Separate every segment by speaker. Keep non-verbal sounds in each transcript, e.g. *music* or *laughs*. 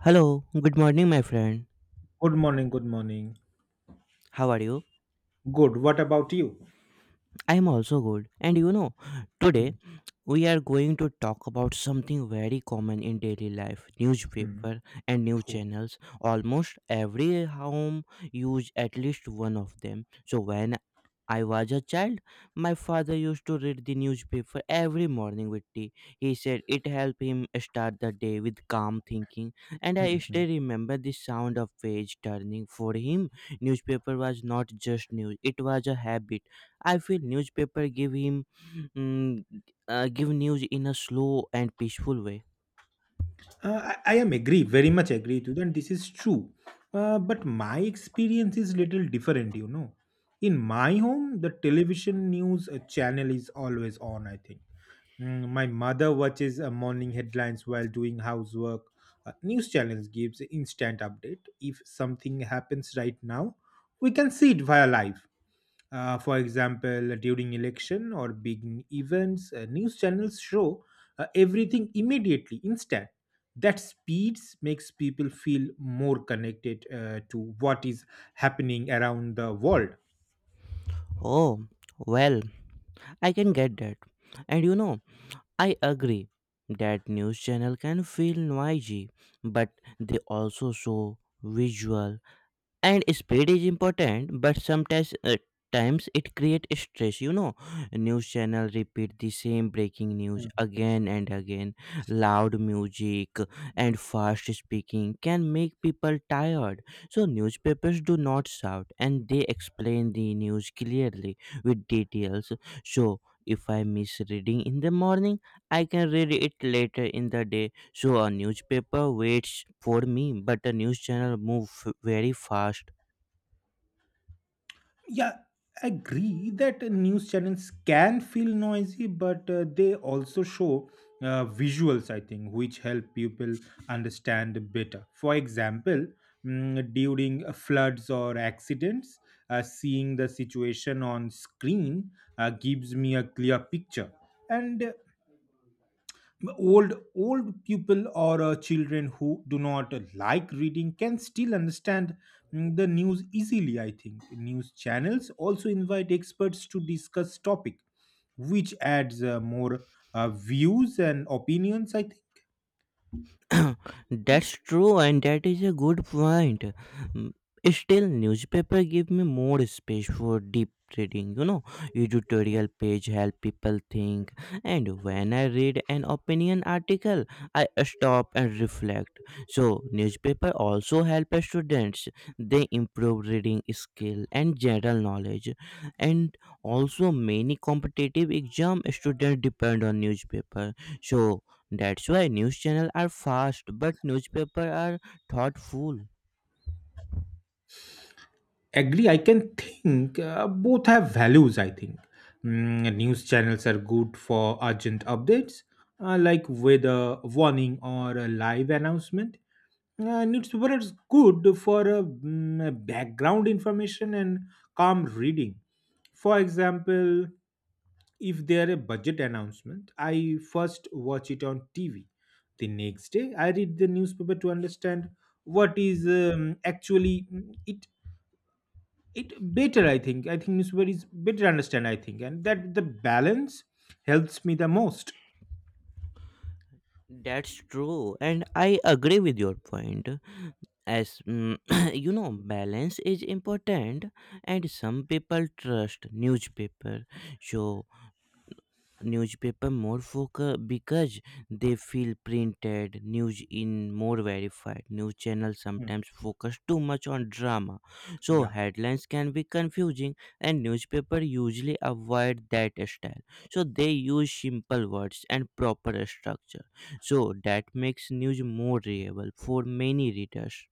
Speaker 1: Hello, good morning, my friend.
Speaker 2: Good morning. Good morning.
Speaker 1: How are you?
Speaker 2: Good. What about you?
Speaker 1: I am also good. And you know, today
Speaker 2: Hmm,
Speaker 1: we are going to talk about something very common in daily life,
Speaker 2: hmm.
Speaker 1: newspaper and news
Speaker 2: Oh,
Speaker 1: channels. Almost every home use at least one of them. So when I was a child, my father used to read the newspaper every morning with tea. He said it helped him start the day with calm thinking, and
Speaker 2: hmm,
Speaker 1: I
Speaker 2: hmm.
Speaker 1: still remember the sound of page turning. For him, newspaper was not just news; it was a habit. I feel newspaper mm, give news in a slow and peaceful way.
Speaker 2: I am agree, very much agree to you, and this is true. But my experience is little different, you know. In my home, the television news channel is always on, I think. Mm, my mother watches morning headlines while doing housework. News channels gives instant update. If something happens right now, we can see it via live. For example, during election or big events, news channels show everything immediately, instant. That speeds makes people feel more connected to what is happening around the world.
Speaker 1: Oh, well, I can get that. And you know, I agree that news channel can feel noisy, but they also show visual and speed is important but sometimes times it creates stress. News channel repeat the same breaking news again and again. Loud music and fast speaking can make people tired. So newspapers do not shout, and they explain the news clearly with details. So if I miss reading in the morning, I can read it later in the day. So a newspaper waits for me, but a news channel move very fast.
Speaker 2: Yeah, I agree that news channels can feel noisy, but they also show visuals, I think, which help people understand better. For example, mm, during floods or accidents, seeing the situation on screen gives me a clear picture. And old people or children who do not like reading can still understand mm, the news easily. I think news channels also invite experts to discuss topic, which adds more views and opinions, I think.
Speaker 1: *coughs* *clears throat* That's true, and that is a good point. Mm, Still, newspaper give me more space for deep reading. You know, editorial page help people think, and when I read an opinion article, I stop and reflect. So, newspaper also help students. They improve reading skill and general knowledge, and also many competitive exam students depend on newspaper. So, that's why news channels are fast, but newspapers are thoughtful.
Speaker 2: Agree. I can think both have values, I think. Mm, news channels are good for urgent updates like weather warning or a live announcement. Newspaper is good for a, mm, a background information and calm reading. For example, if there a budget announcement, I first watch it on TV. The next day, I read the newspaper to understand what is actually mm, it. It better, I think. I think newspaper is better understand. I think, and that the balance helps me the most.
Speaker 1: That's true, and I agree with your point. As mm, *clears throat* balance is important, and some people trust newspaper. So newspaper more focus because they feel printed news in more verified. News channels
Speaker 2: Hmm.
Speaker 1: sometimes focus too much on drama. So
Speaker 2: Yeah.
Speaker 1: headlines can be confusing, and newspaper usually avoid that style. So they use simple words and proper structure. So that makes news more readable for many readers.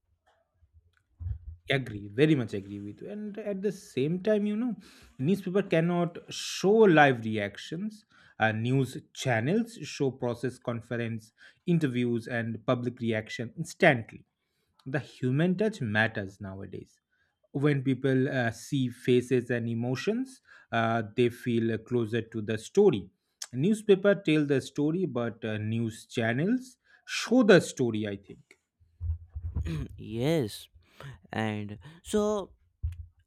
Speaker 2: Agree, very much agree with you. And at the same time, you know, newspaper cannot show live reactions. News channels show process conference, interviews, and public reaction instantly. The human touch matters nowadays. When people see faces and emotions, they feel closer to the story. Newspaper tell the story, but news channels show the story, I think.
Speaker 1: *clears throat* Yes, and so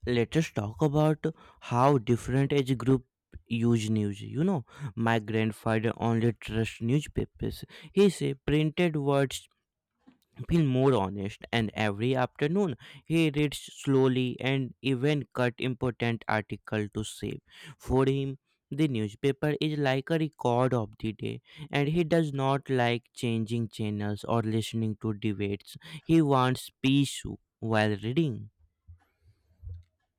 Speaker 1: let us talk about how different age group use news. My grandfather only trust newspapers. He say printed words feel more honest, and every afternoon he reads slowly and even cut important article to save. For him, the newspaper is like a record of the day, and he does not like changing channels or listening to debates. He wants peace while reading.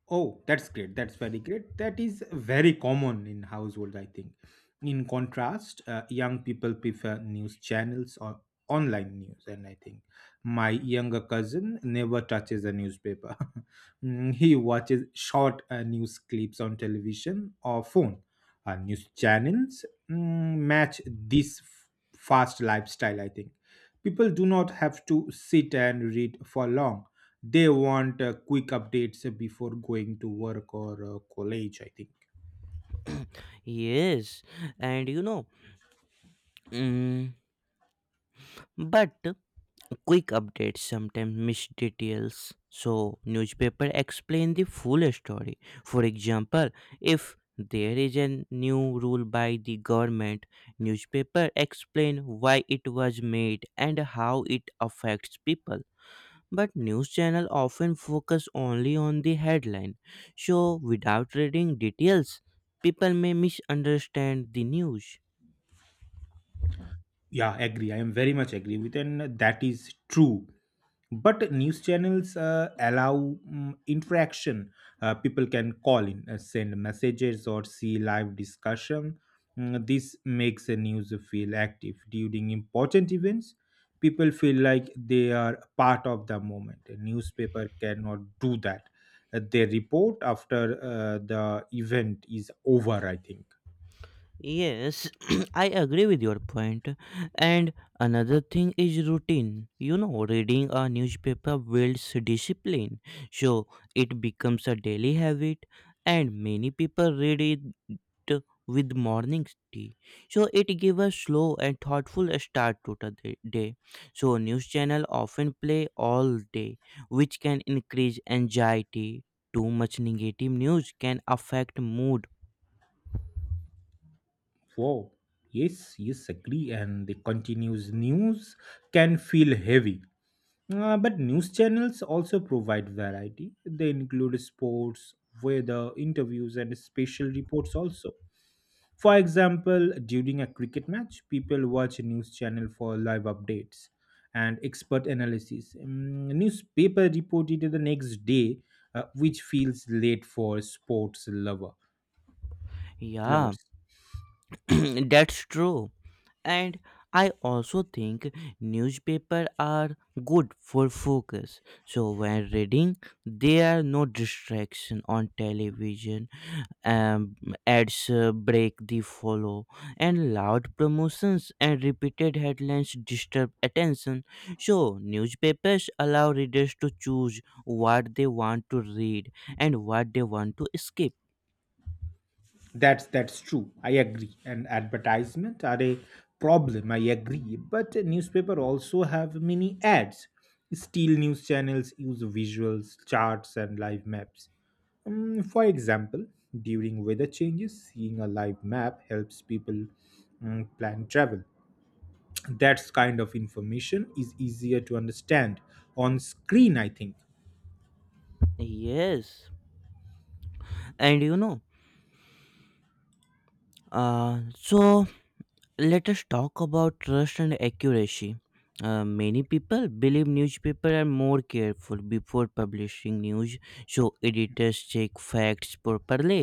Speaker 2: Oh, that's great. That's very great. That is very common in household, I think. In contrast, young people prefer news channels or online news. And I think my younger cousin never touches a newspaper. *laughs* Mm, he watches short news clips on television or phone. News channels mm, match this fast lifestyle, I think. People do not have to sit and read for long. They want quick updates before going to work or college, I think.
Speaker 1: Yes, and Mm, but quick updates sometimes miss details, so newspaper explain the full story. For example, if there is a new rule by the government, newspaper explain why it was made and how it affects people. But news channel often focus only on the headline, so without reading details, people may misunderstand the news.
Speaker 2: Yeah, agree. I am very much agree with, and that is true. But news channels allow mm, interaction. People can call in, send messages, or see live discussion. Mm, this makes the news feel active during important events. People feel like they are part of the moment. A newspaper cannot do that. They report after the event is over, I think.
Speaker 1: Yes, *clears throat* I agree with your point. And another thing is routine. You know, reading a newspaper builds discipline, so it becomes a daily habit. And many people read it with morning tea, so it gives a slow and thoughtful start to the day. So news channel often play all day, which can increase anxiety. Too much negative news can affect mood.
Speaker 2: Wow. Yes, yes, agree. And the continuous news can feel heavy. But news channels also provide variety. They include sports, weather, interviews, and special reports also. For example, during a cricket match, people watch a news channel for live updates and expert analysis. Mm, newspaper reported the next day, which feels late for sports lover
Speaker 1: Yeah.
Speaker 2: lovers.
Speaker 1: *clears throat* That's true. And I also think newspaper are good for focus. So when reading, there are no distraction on television. Um, Ads break the follow, and loud promotions and repeated headlines disturb attention. So newspapers allow readers to choose what they want to read and what they want to skip.
Speaker 2: That's true. I agree. And advertisement are a problem. I agree. But a newspaper also have many ads. Still, news channels use visuals, charts, and live maps. For example, during weather changes, seeing a live map helps people plan travel. That kind of information is easier to understand on screen, I think.
Speaker 1: Yes, and so let us talk about trust and accuracy. Many people believe newspapers are more careful before publishing news, so editors check facts properly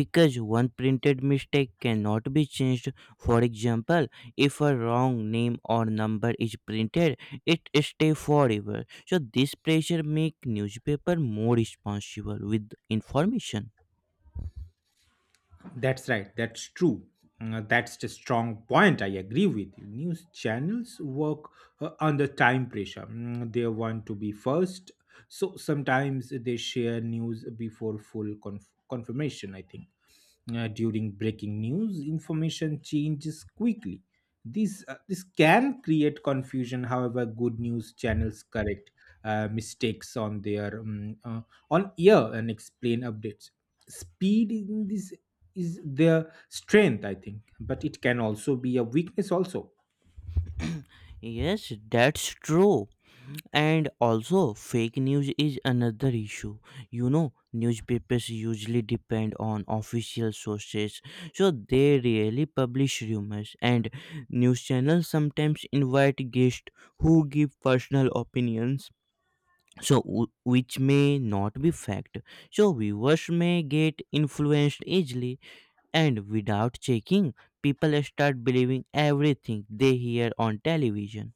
Speaker 1: because one printed mistake cannot be changed. For example, if a wrong name or number is printed, it stays forever. So this pressure makes newspaper more responsible with information.
Speaker 2: That's right. That's true. Mm, that's the strong point. I agree with you. News channels work under time pressure. Mm, they want to be first, so sometimes they share news before full confirmation, I think. During breaking news, information changes quickly. This can create confusion. However, good news channels correct mistakes on their on air and explain updates. Speed in this is their strength, I think, but it can also be a weakness also.
Speaker 1: Yes, that's true. And also fake news is another issue. Newspapers usually depend on official sources, so they rarely publish rumors. And news channels sometimes invite guests who give personal opinions, so which may not be fact. So viewers may get influenced easily, and without checking, people start believing everything they hear on television.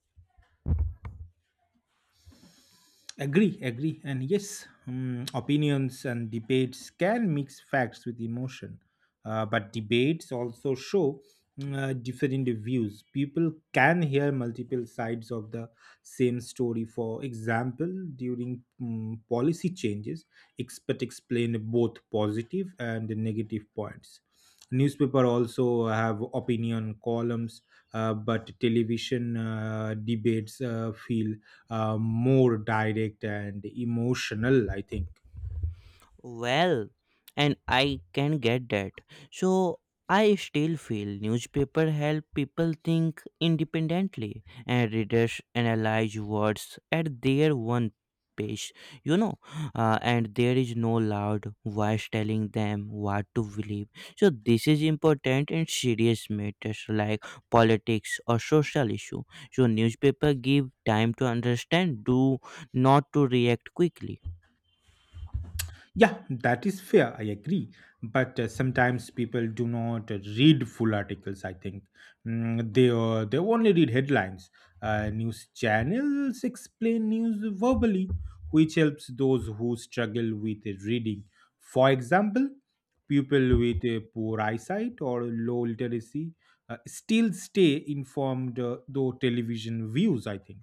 Speaker 2: Agree, agree. And yes, mm, opinions and debates can mix facts with emotion. But debates also show different views. People can hear multiple sides of the same story. For example, during mm, policy changes, expert explain both positive and negative points. Newspaper also have opinion columns, but television debates feel more direct and emotional, I think.
Speaker 1: Well, and I can get that. So I still feel newspaper help people think independently and readers analyze words at their one pace, you know, and there is no loud voice telling them what to believe. So this is important in serious matters like politics or social issue. So newspaper give time to understand, do not to react quickly.
Speaker 2: Yeah, that is fair. I agree. But sometimes people do not read full articles, I think. Mm, they only read headlines. News channels explain news verbally, which helps those who struggle with reading. For example, people with a poor eyesight or low literacy still stay informed though television views, I think.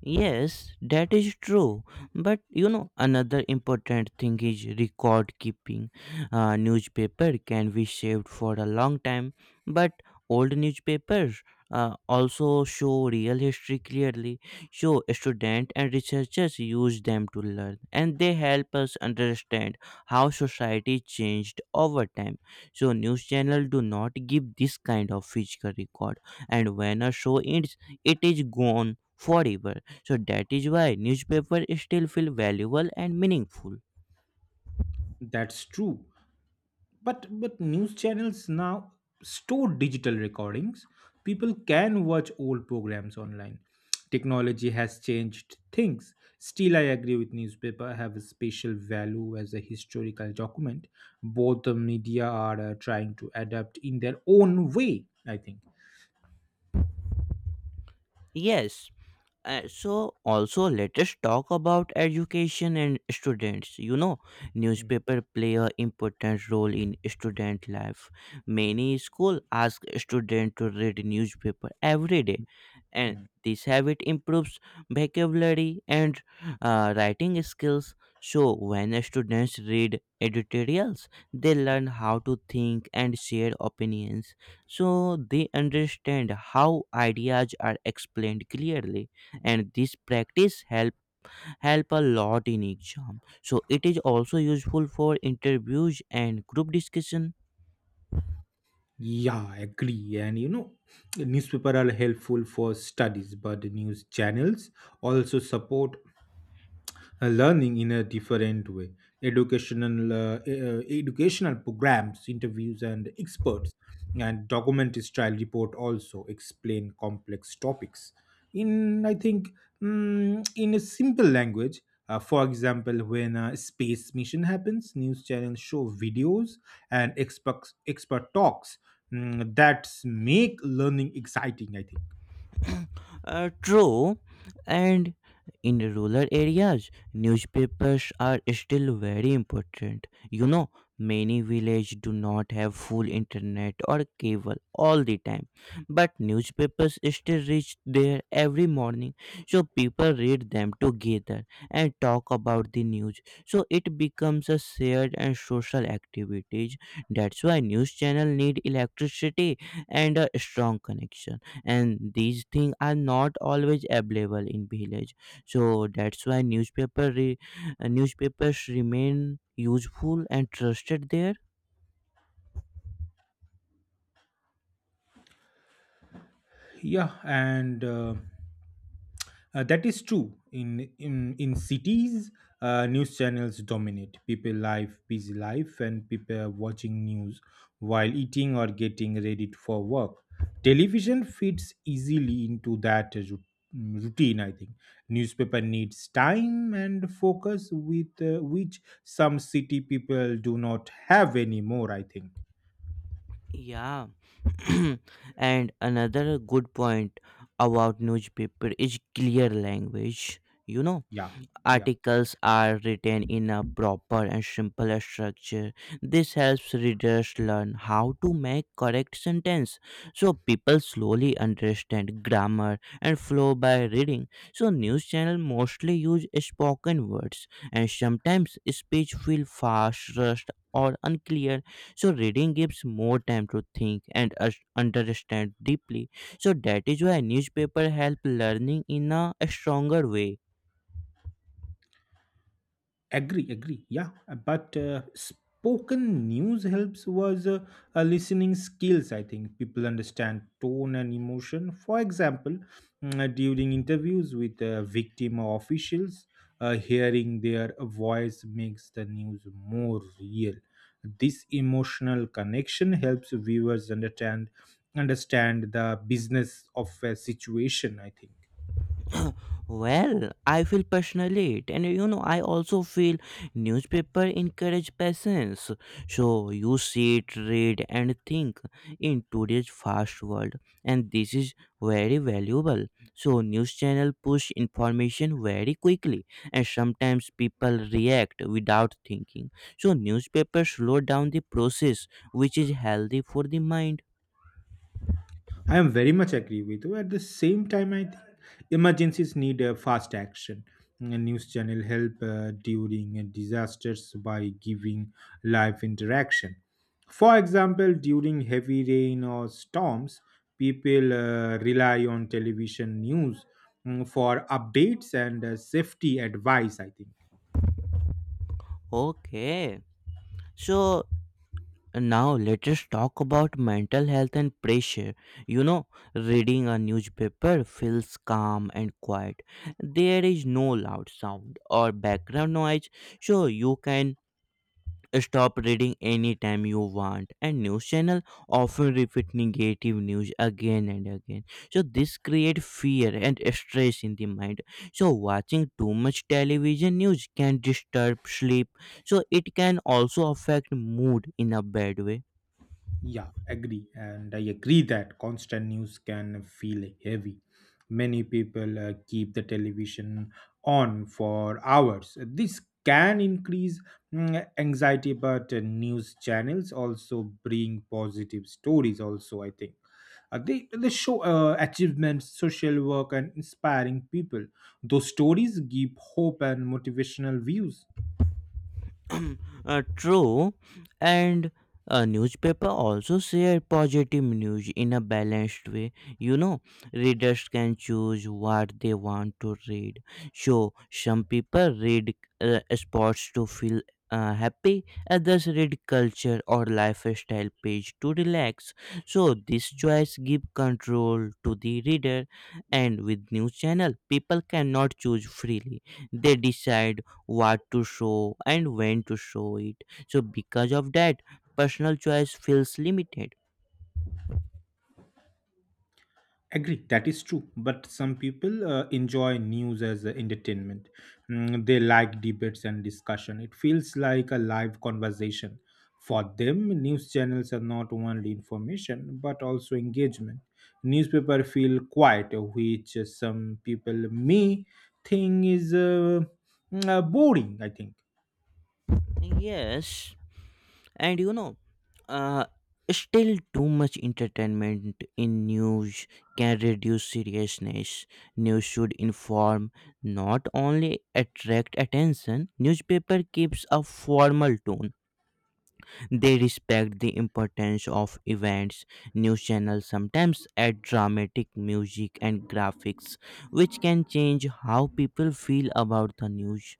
Speaker 1: Yes, that is true. But another important thing is record keeping. Newspaper can be saved for a long time, but old newspapers also show real history clearly. So, students and researchers use them to learn, and they help us understand how society changed over time. So, news channels do not give this kind of physical record, and when a show ends, it is gone forever. So that is why newspaper still feel valuable and meaningful.
Speaker 2: That's true. But news channels now store digital recordings. People can watch old programs online. Technology has changed things. Still, I agree with newspaper have a special value as a historical document. Both the media are trying to adapt in their own way, I think.
Speaker 1: Yes, so also let us talk about education and students. Newspaper play a important role in student life. Many school ask student to read newspaper every day, and
Speaker 2: Mhm.
Speaker 1: this habit improves vocabulary and writing skills. So when students read editorials, they learn how to think and share opinions. So they understand how ideas are explained clearly, and this practice help a lot in exam. So it is also useful for interviews and group discussion.
Speaker 2: Yeah, I agree. And you know, newspaper are helpful for studies, but the news channels also support learning in a different way. Educational educational programs, interviews, and experts and documentary style report also explain complex topics in, I think, mm, in a simple language. For example, when a space mission happens, news channels show videos and expert talks. Mm, that make learning exciting, I think.
Speaker 1: True, and in rural areas, newspapers are still very important. You know, many villages do not have full internet or cable all the time, but newspapers still reach there every morning. So people read them together and talk about the news. So it becomes a shared and social activities. That's why news channel need electricity and a strong connection, and these things are not always available in village. So that's why newspapers remain useful and trusted there.
Speaker 2: Yeah, and that is true. In cities, news channels dominate people life, busy life, and people are watching news while eating or getting ready for work. Television fits easily into that mm, routine, I think. Newspaper needs time and focus, with which some city people do not have anymore, I think.
Speaker 1: Yeah. *clears throat* And another good point about newspaper is clear language.
Speaker 2: Yeah. Yeah.
Speaker 1: Articles are written in a proper and simple structure. This helps readers learn how to make correct sentence. So people slowly understand grammar and flow by reading. So news channel mostly use spoken words and sometimes speech feel fast, rushed or unclear. So reading gives more time to think and understand deeply. So that is why newspaper help learning in a stronger way.
Speaker 2: Agree, yeah. But spoken news helps was listening skills, I think. People understand tone and emotion. For example, mm, during interviews with victim or officials, hearing their voice makes the news more real. This emotional connection helps viewers understand the business of a situation, I think.
Speaker 1: *coughs* *clears throat* Well, I feel passionate, and I also feel newspaper encourage patience. So you sit, read, and think in today's fast world, and this is very valuable. So news channel push information very quickly, and sometimes people react without thinking. So newspaper slow down the process, which is healthy for the mind.
Speaker 2: I am very much agree with you. At the same time, I think emergencies need a fast action. A news channel help during disasters by giving live interaction. For example, during heavy rain or storms, people rely on television news mm, for updates and safety advice, I think.
Speaker 1: Okay, so now let us talk about mental health and pressure you know Reading a newspaper feels calm and quiet. There is no loud sound or background noise. So you can stop reading anytime you want, and news channel often repeat negative news again and again. So this create fear and stress in the mind. So watching too much television news can disturb sleep. So it can also affect mood in a bad way.
Speaker 2: Yeah, agree. And I agree that constant news can feel heavy. Many people keep the television on for hours. This can increase mm, anxiety, but news channels also bring positive stories, also, I think. They show achievements, social work, and inspiring people. Those stories give hope and motivational views.
Speaker 1: *clears throat* True, and a newspaper also share positive news in a balanced way. You know, readers can choose what they want to read. So some people read sports to feel happy, others read culture or lifestyle page to relax. So this choice give control to the reader, and with news channel, people cannot choose freely. They decide what to show and when to show it. So, because of that, personal choice feels limited.
Speaker 2: Agree, that is true. But some people enjoy news as a entertainment. Mm, they like debates and discussion. It feels like a live conversation. For them, news channels are not only information but also engagement. Newspaper feel quiet, which some people may think is boring, I think.
Speaker 1: Yes, and uh, still too much entertainment in news can reduce seriousness. News should inform, not only attract attention. Newspaper keeps a formal tone. They respect the importance of events. News channels sometimes add dramatic music and graphics, which can change how people feel about the news.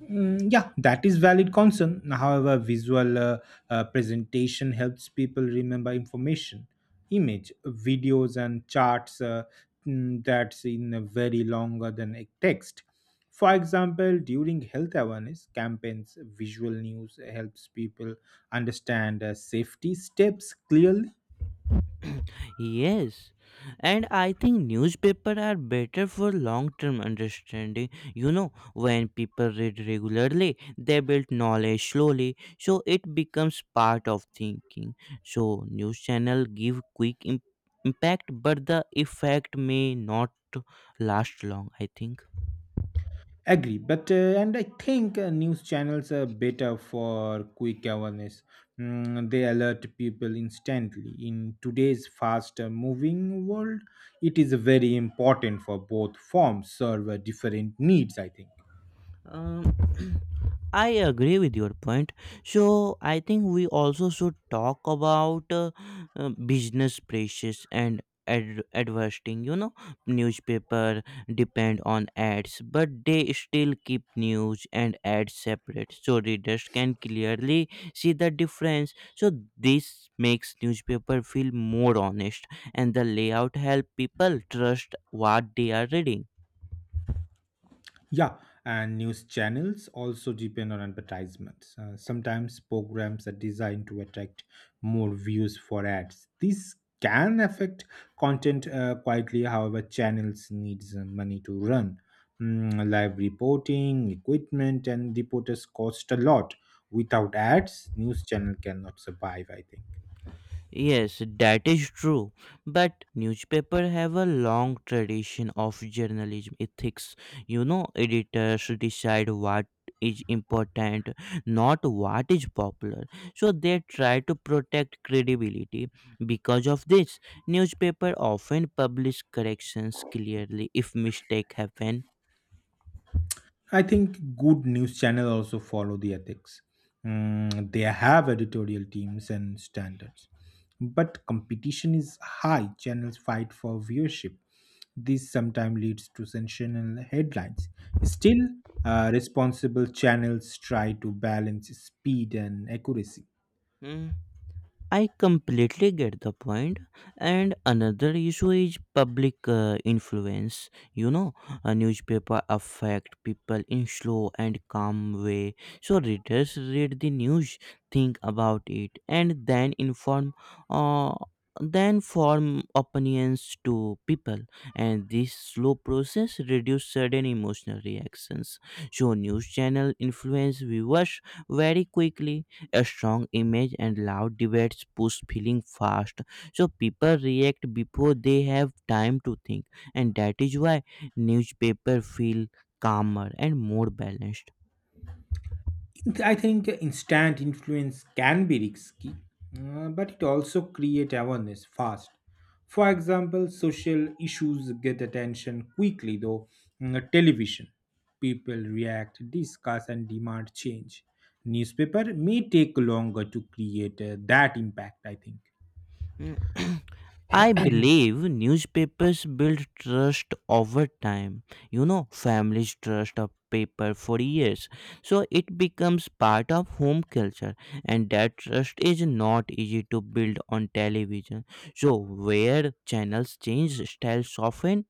Speaker 2: Mm, yeah, that is valid concern. However, visual presentation helps people remember information, image, videos, and charts that's in a very longer than a text. For example, during health awareness campaigns, visual news helps people understand safety steps clearly.
Speaker 1: *clears throat* Yes, and I think newspaper are better for long term understanding you know when people read regularly, they build knowledge slowly. So it becomes part of thinking. So news channel give quick impact, but the effect may not last long, I think.
Speaker 2: Agree, but and I think news channels are better for quick awareness. Mm, they alert people instantly. In today's fast-moving world, it is very important for both forms serve different needs, I think.
Speaker 1: Um, *clears throat* I agree with your point. So I think we also should talk about business pressures and advertising. Newspaper depend on ads, but they still keep news and ads separate, so readers can clearly see the difference. So this makes newspaper feel more honest, and the layout help people trust what they are reading.
Speaker 2: Yeah, and news channels also depend on advertisements. Sometimes programs are designed to attract more views for ads. This can affect content quietly. However, channels needs money to run. Mm, live reporting, equipment, and reporters cost a lot. Without ads, news channel cannot survive, I think.
Speaker 1: Yes, that is true. But newspaper have a long tradition of journalism ethics. Editors decide what is important, not what is popular. So they try to protect credibility. Because of this, newspaper often publish corrections clearly if mistake happen.
Speaker 2: I think good news channel also follow the ethics. Mm, they have editorial teams and standards. But competition is high. Channels fight for viewership. This sometimes leads to sensational headlines. Still, responsible channels try to balance speed and accuracy.
Speaker 1: Hmm. I completely get the point. And another issue is public influence. You know, a newspaper affect people in slow and calm way. So readers read the news, think about it, and then inform. Uh, then form opinions to people, and this slow process reduce sudden emotional reactions. So news channel influence viewers very quickly. A strong image and loud debates push feeling fast. So people react before they have time to think, and that is why newspaper feel calmer and more balanced.
Speaker 2: I think instant influence can be risky, but it also create awareness fast. For example, social issues get attention quickly, though mm, television people react, discuss, and demand change. Newspaper may take longer to create that impact, I think.
Speaker 1: Mm. *clears throat* I believe newspapers build trust over time. You know, families trust a paper for years. So it becomes part of home culture, and that trust is not easy to build on television. So, where channels change, styles soften.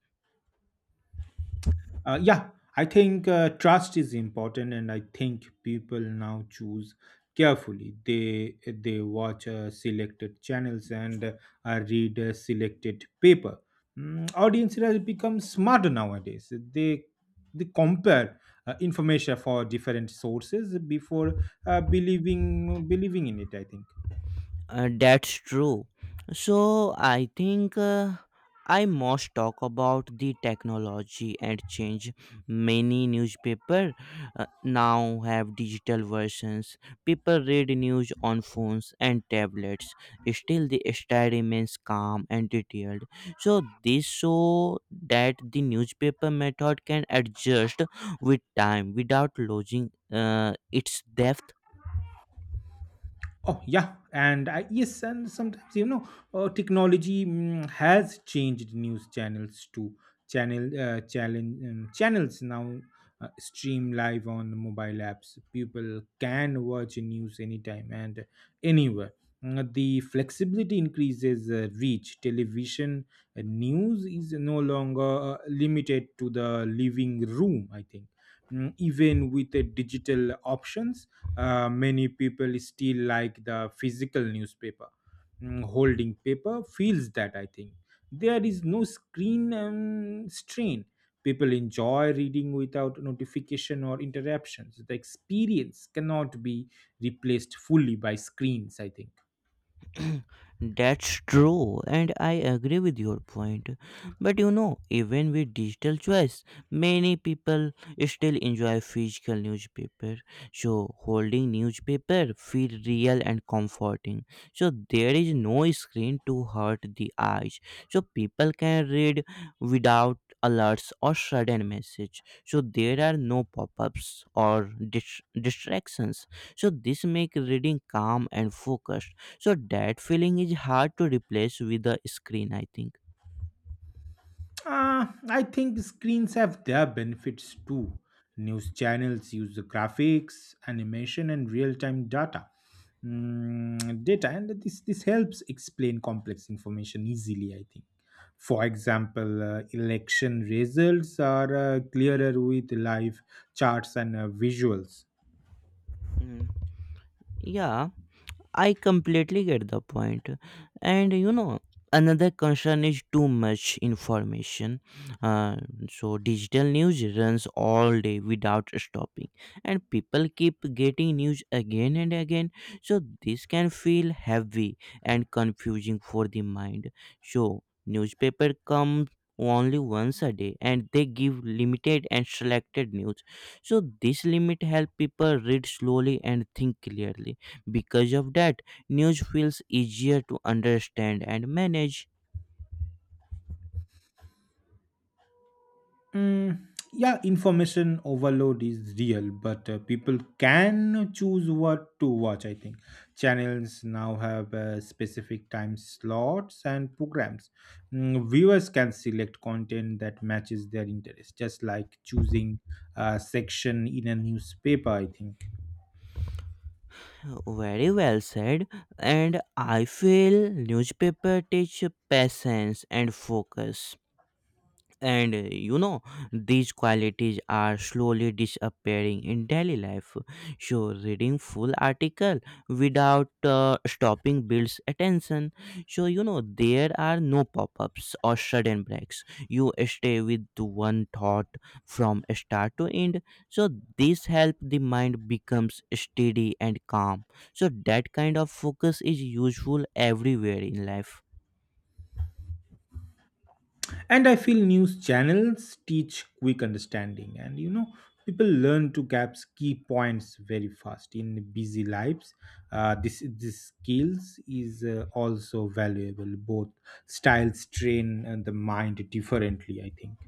Speaker 2: Yeah, I think trust is important, and I think people now choose carefully. They watch selected channels and read selected paper. Mm, audience has become smarter nowadays. They compare information for different sources before believing in it, I think.
Speaker 1: That's true. So I think, I must talk about the technology and change. Many newspaper now have digital versions. People read news on phones and tablets. Still, the style remains calm and detailed. So this show that the newspaper method can adjust with time without losing its depth.
Speaker 2: Oh yeah, and I, yes, and sometimes, you know, technology mm, has changed news channels to channels now stream live on mobile apps. People can watch news anytime and anywhere. Mm, the flexibility increases reach. Television news is no longer limited to the living room, I think. Even with the digital options, many people still like the physical newspaper. Holding paper feels that, I think, there is no screen strain. People enjoy reading without notification or interruptions. The experience cannot be replaced fully by screens, I think.
Speaker 1: *clears throat* That's true, and I agree with your point. But you know, even with digital choice, many people still enjoy physical newspaper. So holding newspaper feel real and comforting. So there is no screen to hurt the eyes. So people can read without alerts or sudden message. So there are no pop-ups or distractions. So this make reading calm and focused, so that feeling is hard to replace with the screen, I think.
Speaker 2: I think screens have their benefits too. News channels use the graphics, animation, and real-time data. Data, and this helps explain complex information easily, I think. For example, election results are clearer with live charts and visuals.
Speaker 1: Mm, yeah, I completely get the point. And you know, another concern is too much information. Uh, so, digital news runs all day without stopping, and people keep getting news again and again. So, this can feel heavy and confusing for the mind. So, newspaper comes only once a day, and they give limited and selected news. So this limit help people read slowly and think clearly. Because of that, news feels easier to understand and manage.
Speaker 2: Mm, yeah, information overload is real, but people can choose what to watch, I think. Channels now have specific time slots and programs. Viewers can select content that matches their interest, just like choosing a section in a newspaper, I think.
Speaker 1: Very well said. And I feel newspaper teach patience and focus. And you know, these qualities are slowly disappearing in daily life. So reading full article without stopping builds attention. So you know, there are no pop-ups or sudden breaks, you stay with one thought from start to end. So this help the mind becomes steady and calm. So that kind of focus is useful everywhere in life.
Speaker 2: And I feel news channels teach quick understanding, and you know, people learn to catch key points very fast in busy lives. This skills is also valuable. Both styles train and the mind differently, I think.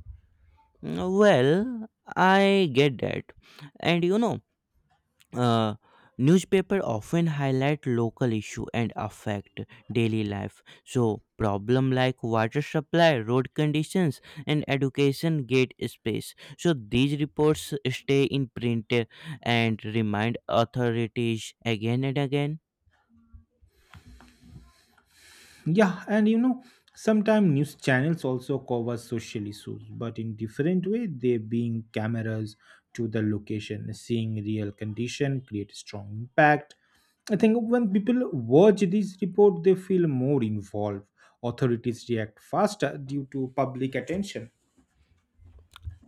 Speaker 1: Mm, well, I get that. And you know, uh, newspaper often highlight local issue and affect daily life. So problem like water supply, road conditions and education get space. So these reports stay in print and remind authorities again and again.
Speaker 2: Yeah, and you know, sometimes news channels also cover social issues, but in different way. They being cameras to the location, seeing real condition, create strong impact. I think when people watch this report, they feel more involved. Authorities react faster due to public attention.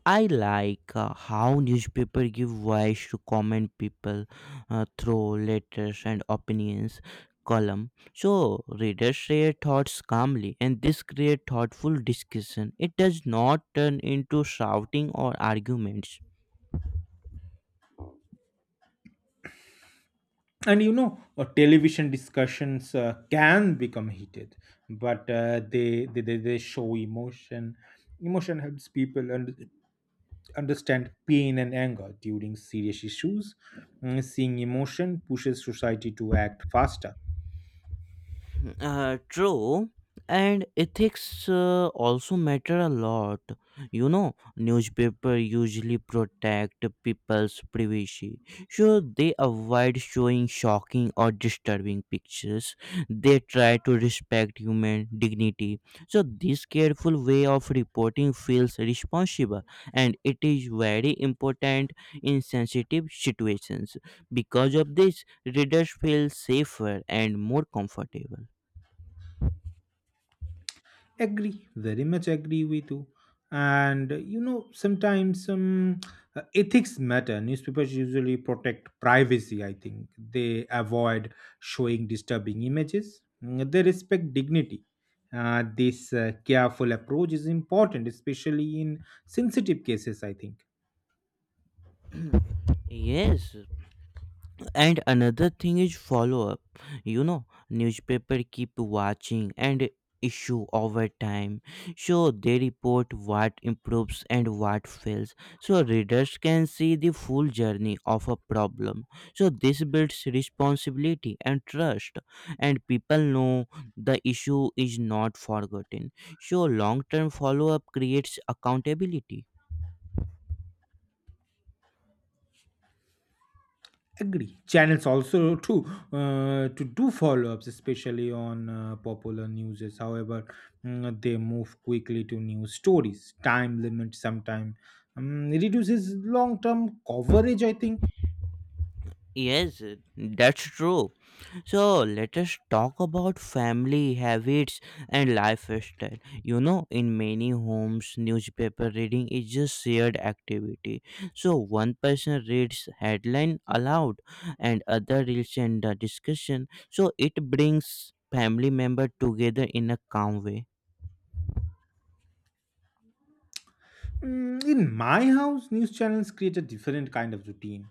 Speaker 1: I like how newspaper give voice to common people through letters and opinions column. So readers share thoughts calmly, and this create thoughtful discussion. It does not turn into shouting or arguments.
Speaker 2: And you know, television discussions can become heated, but they show emotion. Emotion helps people and understand pain and anger during serious issues. Seeing emotion pushes society to act faster.
Speaker 1: True. And ethics also matter a lot. You know, newspaper usually protect people's privacy, so they avoid showing shocking or disturbing pictures. They try to respect human dignity. So this careful way of reporting feels responsible, and it is very important in sensitive situations. Because of this, readers feel safer and more comfortable.
Speaker 2: Agree, very much agree with you. And you know, sometimes ethics matter. Newspapers usually protect privacy, I think. They avoid showing disturbing images. They respect dignity. This careful approach is important, especially in sensitive cases, I think.
Speaker 1: Yes, and another thing is follow up. You know, newspaper keep watching and issue over time. So they report what improves and what fails. So readers can see the full journey of a problem. So this builds responsibility and trust, and people know the issue is not forgotten. So long-term follow up creates accountability.
Speaker 2: Agree, channels also too, to do follow-ups, especially on popular newses. However, they move quickly to new stories. Time limit sometimes reduces long-term coverage, I think.
Speaker 1: Yes, that's true. So let us talk about family habits and lifestyle. You know, in many homes, newspaper reading is just shared activity. So one person reads headline aloud, and other reads in the discussion. So it brings family member together in a calm way.
Speaker 2: In my house, news channels create a different kind of routine.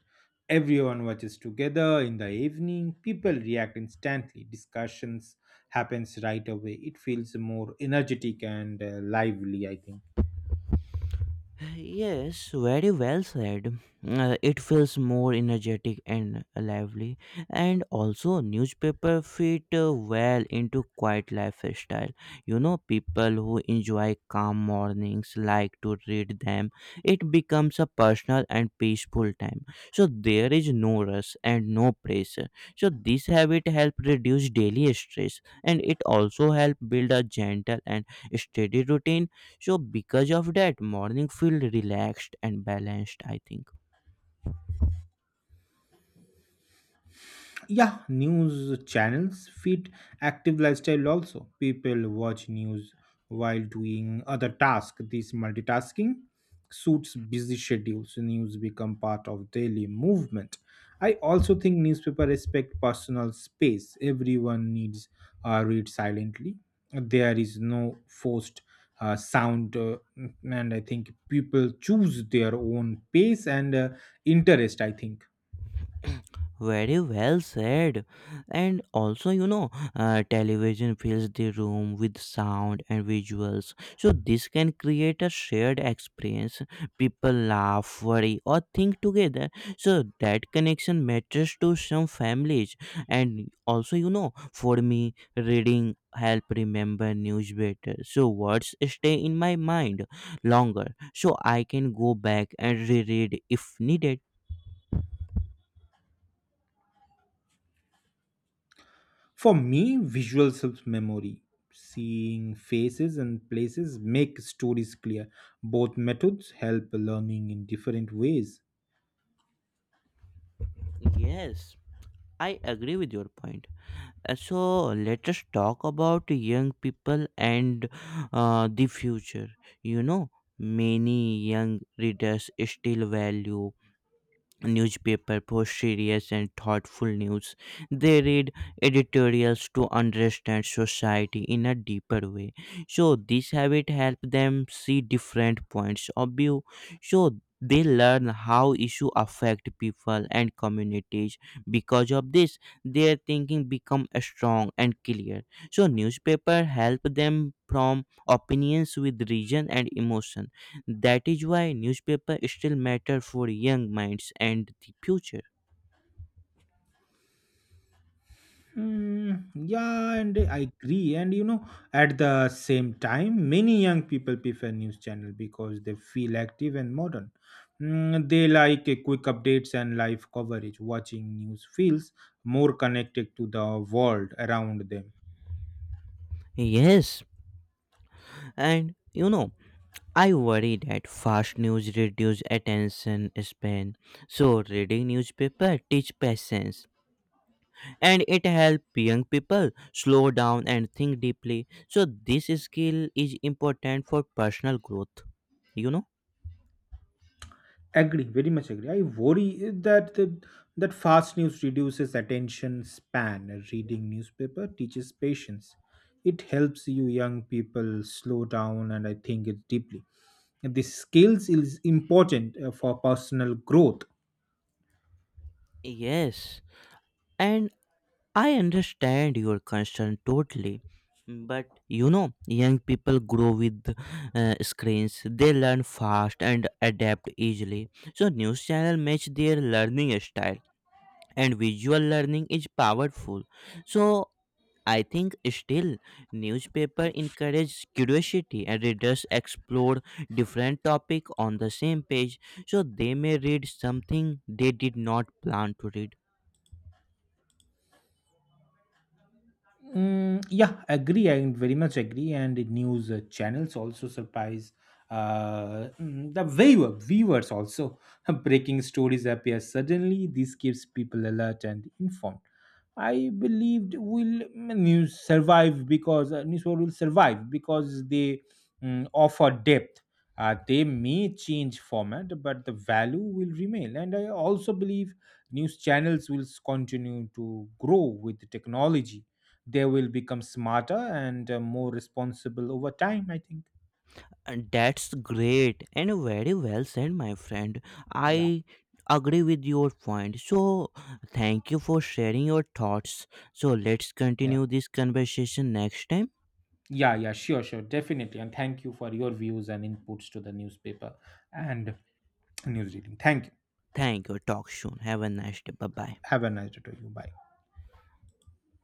Speaker 2: Everyone watches together in the evening. People react instantly. Discussions happens right away. It feels more energetic and lively, I think.
Speaker 1: Yes, very well said. It feels more energetic and lively, and also newspaper fit well into quiet lifestyle. You know, people who enjoy calm mornings like to read them. It becomes a personal and peaceful time. So there is no rush and no pressure. So this habit help reduce daily stress, and it also help build a gentle and steady routine. So because of that, morning feel relaxed and balanced, I think.
Speaker 2: Yeah, news channels feed active lifestyle also. People watch news while doing other tasks. This multitasking suits busy schedules. News become part of daily movement. I also think newspaper respect personal space. Everyone needs read silently. There is no forced sound, and I think people choose their own pace and interest, I think.
Speaker 1: Very well said. And also, you know, television fills the room with sound and visuals. So, this can create a shared experience. People laugh, worry, or think together. So, that connection matters to some families. And also, you know, for me, reading help remember news better. So words stay in my mind longer, so I can go back and reread if needed.
Speaker 2: For me, visual helps memory. Seeing faces and places make stories clear. Both methods help learning in different ways.
Speaker 1: Yes, I agree with your point. So let us talk about young people and the future. You know, many young readers still value newspaper post serious and thoughtful news. They read editorials to understand society in a deeper way. So this habit helps them see different points of view. So they learn how issue affect people and communities. Because of this, their thinking become strong and clear. So newspaper help them from opinions with reason and emotion. That is why newspaper still matter for young minds and the future.
Speaker 2: Yeah, and I agree. And you know, at the same time, many young people prefer news channel because they feel active and modern. They like a quick updates and live coverage. Watching news feels more connected to the world around them.
Speaker 1: Yes, and you know, I worry that fast news reduce attention span. So reading newspaper teach patience, and it help young people slow down and think deeply. So this skill is important for personal growth, you know?
Speaker 2: Agree, very much agree. I worry that fast news reduces attention span. Reading newspaper teaches patience. It helps you young people slow down and I think it deeply. And this skills is important for personal growth.
Speaker 1: Yes. And I understand your concern totally. But you know, young people grow with screens. They learn fast and adapt easily. So news channel match their learning style, and visual learning is powerful. So I think still newspaper encourage curiosity, and readers explore different topic on the same page. So they may read something they did not plan to read.
Speaker 2: Yeah, agree. I very much agree. And the news channels also surprise viewers also. *laughs* Breaking stories appear suddenly. This keeps people alert and informed. I believed will mm, News survive because news will survive because they offer depth. They may change format, but the value will remain. And I also believe news channels will continue to grow with technology. They will become smarter and more responsible over time, I think.
Speaker 1: And that's great and very well said, my friend.
Speaker 2: yeah
Speaker 1: I agree with your point. So, thank you for sharing your thoughts. So, let's
Speaker 2: yeah
Speaker 1: continue this conversation next time.
Speaker 2: yeah, sure, definitely, and thank you for your views and inputs to the newspaper and news reading. Thank you.
Speaker 1: Thank you. Talk soon. Have a nice day. Bye bye.
Speaker 2: Have a nice day to you. Bye.